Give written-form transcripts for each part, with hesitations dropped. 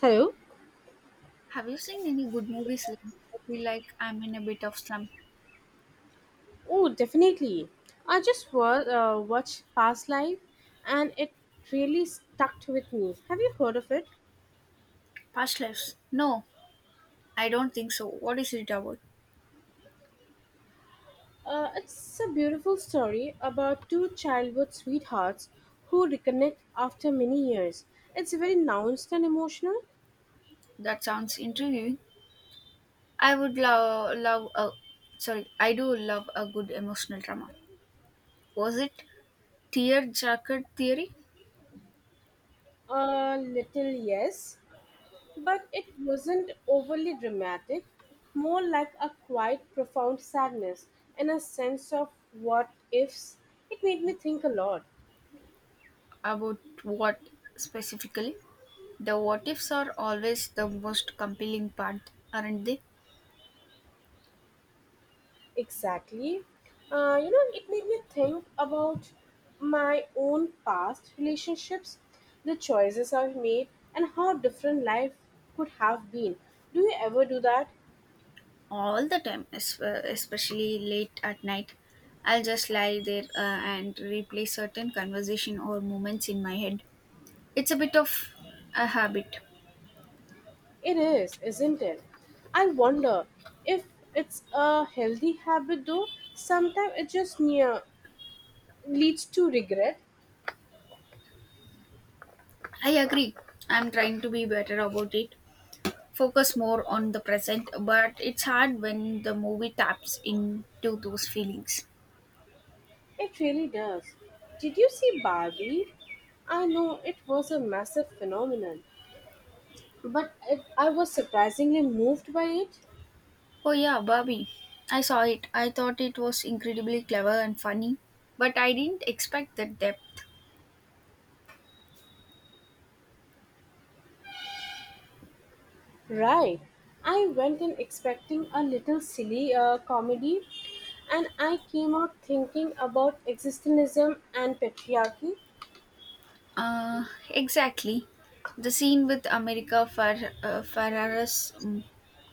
Hello. Have you seen any good movies lately? I feel like I'm in a bit of slump. Oh, definitely. I watched Past Life and it really stuck with me. Have you heard of it? Past lives? No, I don't think so. What is it about? It's a beautiful story about two childhood sweethearts who reconnect after many years. It's very nuanced and emotional. That sounds intriguing. I would love love a sorry, I do love a good emotional drama. Was it tear jacket theory? A little, yes, but it wasn't overly dramatic, more like a quiet, profound sadness and a sense of what ifs. It made me think a lot. About what specifically? The what ifs are always the most compelling part, aren't they? Exactly. It made me think about my own past relationships, the choices I've made, and how different life could have been. Do you ever do that? All the time, especially late at night. I'll just lie there and replay certain conversation or moments in my head. It's a bit of a habit. It is, isn't it? I wonder if it's a healthy habit though. Sometimes it just near leads to regret. I agree. I'm trying to be better about it. Focus more on the present, but it's hard when the movie taps into those feelings. It really does. Did you see Barbie? I know it was a massive phenomenon. But it, I was surprisingly moved by it. Oh yeah, Barbie. I saw it. I thought it was incredibly clever and funny, but I didn't expect that depth. Right. I went in expecting a little silly comedy, and I came out thinking about existentialism and patriarchy. Exactly. The scene with Ferrara's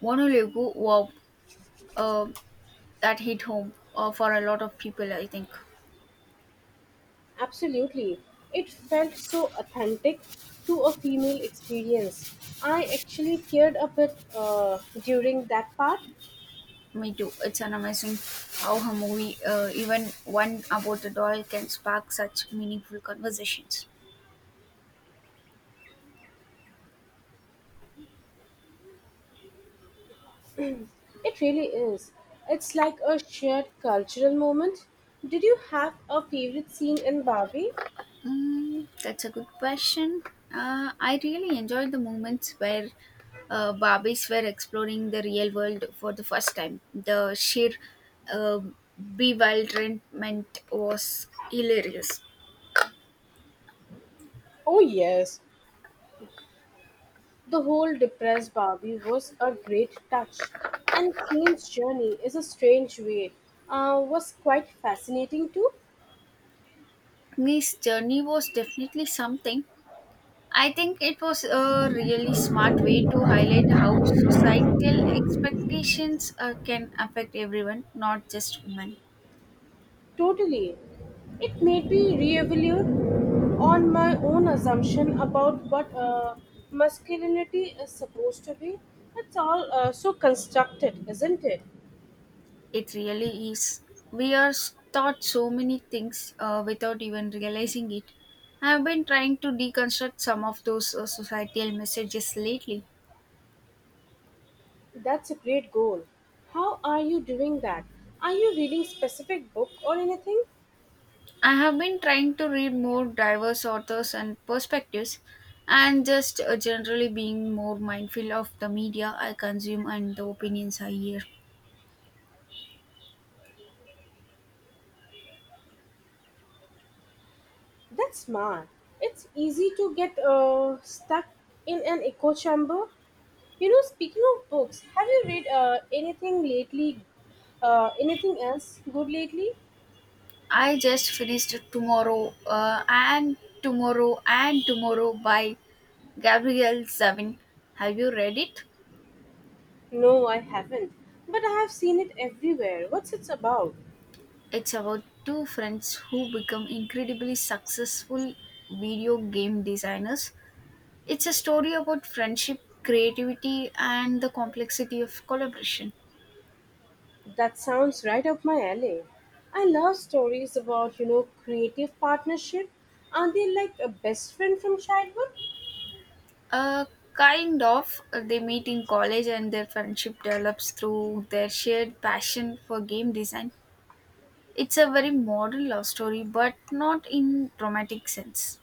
monologue, wow, uh, that hit home for a lot of people, I think. Absolutely. It felt so authentic to a female experience. I actually teared a bit during that part. Me too. It's an amazing how a movie, even one about a doll, can spark such meaningful conversations. It really is. It's like a shared cultural moment. Did you have a favorite scene in Barbie? Mm, that's a good question. I really enjoyed the moments where Barbies were exploring the real world for the first time. The sheer uh, bewilderment was hilarious. Oh, yes. The whole depressed Barbie was a great touch, and Queen's journey is a strange way. Was quite fascinating too. This journey was definitely something. I think it was a really smart way to highlight how societal expectations can affect everyone, not just women. Totally, it made me reevaluate on my own assumption about what masculinity is supposed to be. It's all so constructed, isn't it? It really is. We are taught so many things without even realizing it. I've been trying to deconstruct some of those societal messages lately. That's a great goal. How are you doing that? Are you reading specific book or anything? I have been trying to read more diverse authors and perspectives and just generally being more mindful of the media I consume and the opinions I hear. That's smart. It's easy to get stuck in an echo chamber. You know, speaking of books, have you read anything lately? Anything else good lately? I just finished Tomorrow and Tomorrow and Tomorrow by Gabrielle Zavin. Have you read it? No, I haven't. But I have seen it everywhere. What's it about? It's about two friends who become incredibly successful video game designers. It's a story about friendship, creativity, and the complexity of collaboration. That sounds right up my alley. I love stories about, you know, creative partnership. Are they like a best friend from childhood? Uh, kind of, they meet in college and their friendship develops through their shared passion for game design. It's a very modern love story, but not in dramatic sense.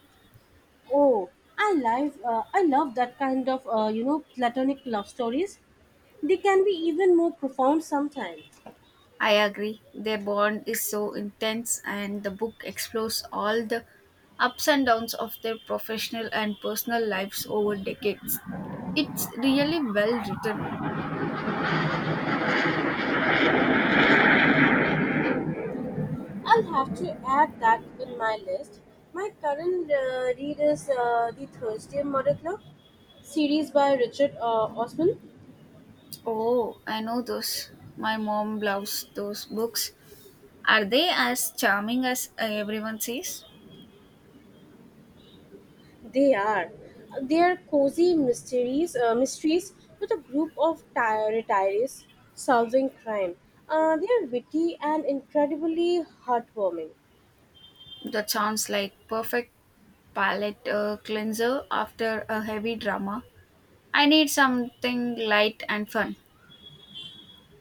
Oh, I love that kind of platonic love stories. They can be even more profound sometimes. I agree. Their bond is so intense, and the book explores all the ups and downs of their professional and personal lives over decades. It's really well written. I'll have to add that in my list. My current read is the Thursday Murder Club series by Richard Osman. Oh, I know those. My mom loves those books. Are they as charming as everyone says? They are they are cozy mysteries with a group of retirees solving crime. They are witty and incredibly heartwarming. That sounds like perfect palate cleanser after a heavy drama. I need something light and fun.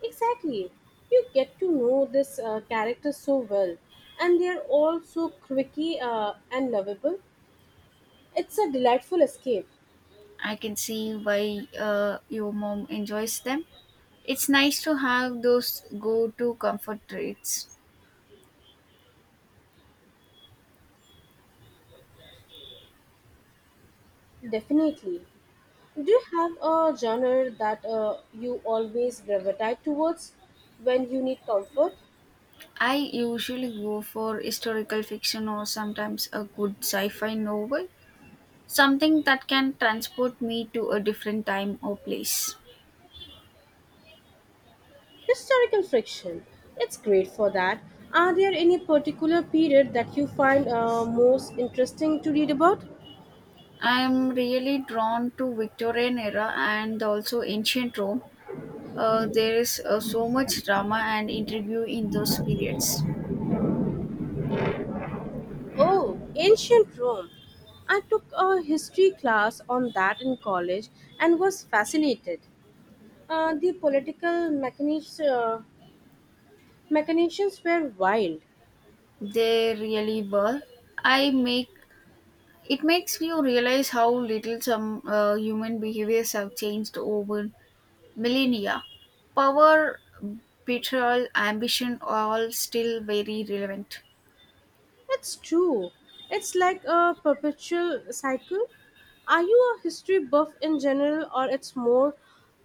Exactly. You get to know this characters so well, and they're all so quirky and lovable. It's a delightful escape, I can see why your mom enjoys them. It's nice to have those go to comfort reads. definitely. Do you have a genre that you always gravitate towards when you need comfort? I usually go for historical fiction or sometimes a good sci fi novel, something that can transport me to a different time or place. Historical fiction. It's great for that. Are there any particular period that you find most interesting to read about? I'm really drawn to Victorian era and also ancient Rome. There is so much drama and intrigue in those periods. Oh, ancient Rome. I took a history class on that in college and was fascinated. The political machinations were wild. They really were. I make It makes you realize how little some human behaviors have changed over millennia. Power, betrayal, ambition all still very relevant. It's true. It's like a perpetual cycle. Are you a history buff in general or it's more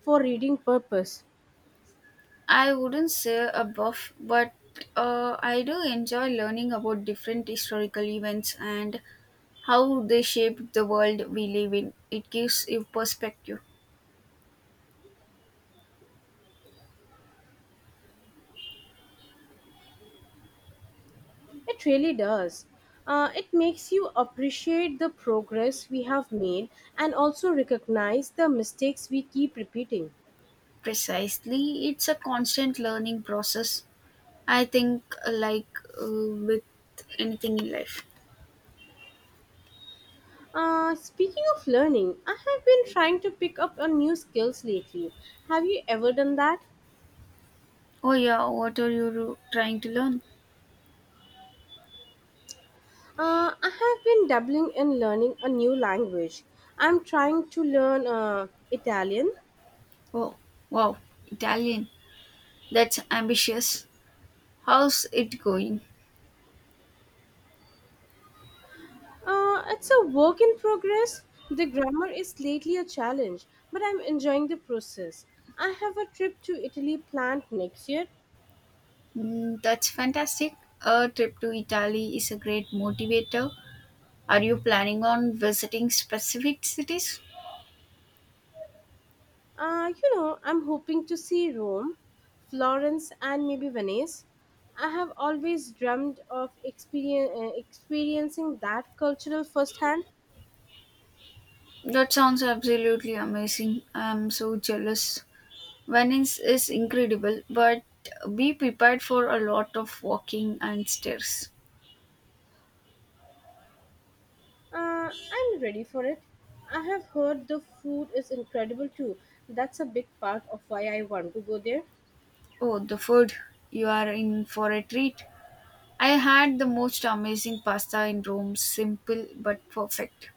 for reading purpose? I wouldn't say a buff, but I do enjoy learning about different historical events and how they shaped the world we live in. It gives you perspective. It really does. It makes you appreciate the progress we have made and also recognize the mistakes we keep repeating. Precisely, it's a constant learning process. I think, with anything in life. Speaking of learning, I have been trying to pick up on new skills lately. Have you ever done that? Oh yeah, what are you trying to learn? I have been dabbling in learning a new language. I'm trying to learn Italian. Oh, wow, Italian. That's ambitious. How's it going? It's a work in progress. The grammar is lately a challenge, but I'm enjoying the process. I have a trip to Italy planned next year. Mm, that's fantastic. A trip to Italy is a great motivator. Are you planning on visiting specific cities? I'm hoping to see Rome, Florence, and maybe Venice. I have always dreamed of experiencing that cultural firsthand. That sounds absolutely amazing. I'm so jealous. Venice is incredible, but be prepared for a lot of walking and stairs. Uh, I'm ready for it. I have heard the food is incredible too. That's a big part of why I want to go there. Oh, the food. You are in for a treat. I had the most amazing pasta in Rome, simple but perfect.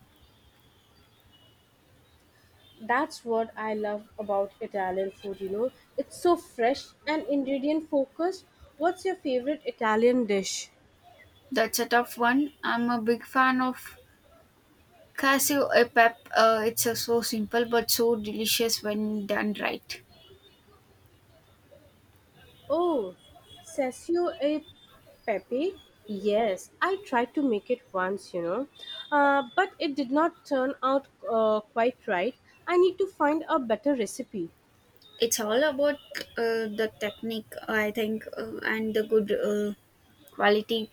That's what I love about Italian food, you know. It's so fresh and ingredient focused. What's your favorite Italian dish? That's a tough one. I'm a big fan of cashew e pep. It's a, so simple but so delicious when done right. Oh, sasio e pepe. Yes, I tried to make it once, but it did not turn out quite right. I need to find a better recipe. It's all about the technique, I think, and the good quality.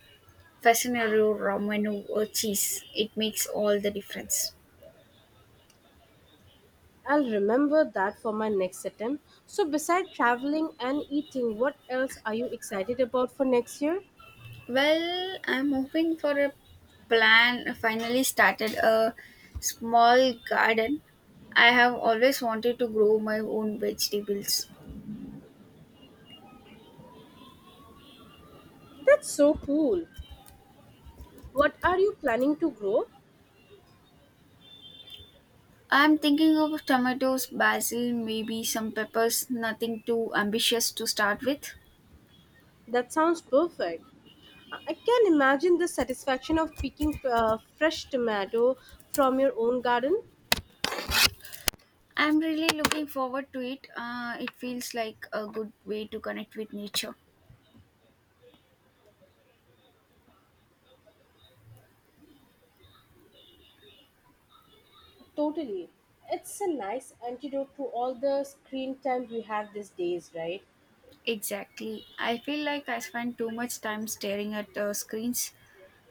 Fascinario Romano cheese. It makes all the difference. I'll remember that for my next attempt. So, besides traveling and eating, what else are you excited about for next year? Well, I'm hoping for a plan. I finally started a small garden. I have always wanted to grow my own vegetables. That's so cool. What are you planning to grow? I'm thinking of tomatoes, basil, maybe some peppers, nothing too ambitious to start with. That sounds perfect. I can imagine the satisfaction of picking fresh tomato from your own garden. I'm really looking forward to it. It feels like a good way to connect with nature. Totally. It's a nice antidote to all the screen time we have these days, right? Exactly. I feel like I spend too much time staring at screens.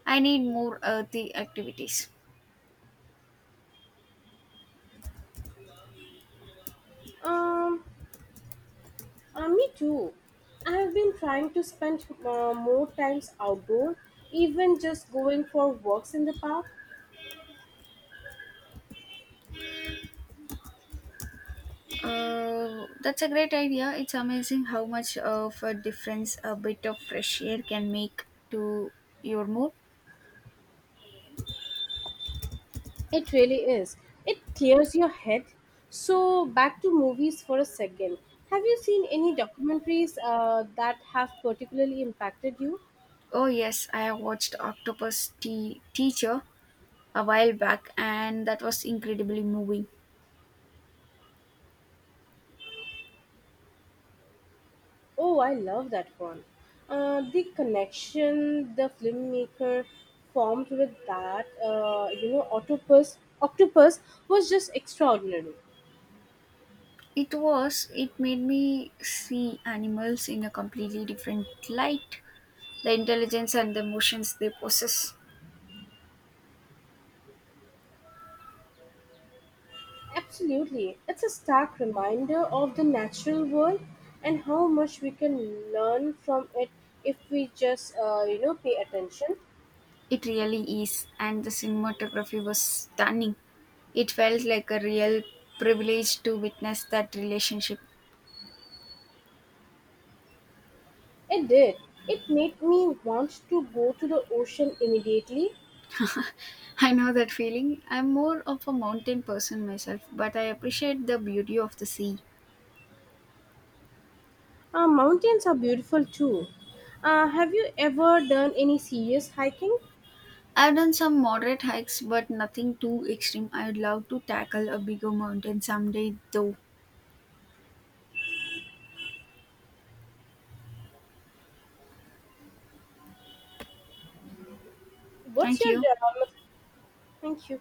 I need more earthy activities. Um, Me too. I have been trying to spend more times outdoor, even just going for walks in the park. That's a great idea. It's amazing how much of a difference a bit of fresh air can make to your mood. It really is. It clears your head. So, back to movies for a second. Have you seen any documentaries that have particularly impacted you? Oh, yes, I have watched Octopus Tea Teacher a while back, and that was incredibly moving. Oh, I love that one. The connection the filmmaker formed with that octopus was just extraordinary. It was, it made me see animals in a completely different light, the intelligence and the emotions they possess. Absolutely, it's a stark reminder of the natural world and how much we can learn from it if we just pay attention. It really is, and the cinematography was stunning. It felt like a real privilege to witness that relationship. It did. It made me want to go to the ocean immediately. I know that feeling. I'm more of a mountain person myself, but I appreciate the beauty of the sea. Mountains are beautiful too. Have you ever done any serious hiking? I've done some moderate hikes, but nothing too extreme. I'd love to tackle a bigger mountain someday, though. What's Thank your you. Thank you?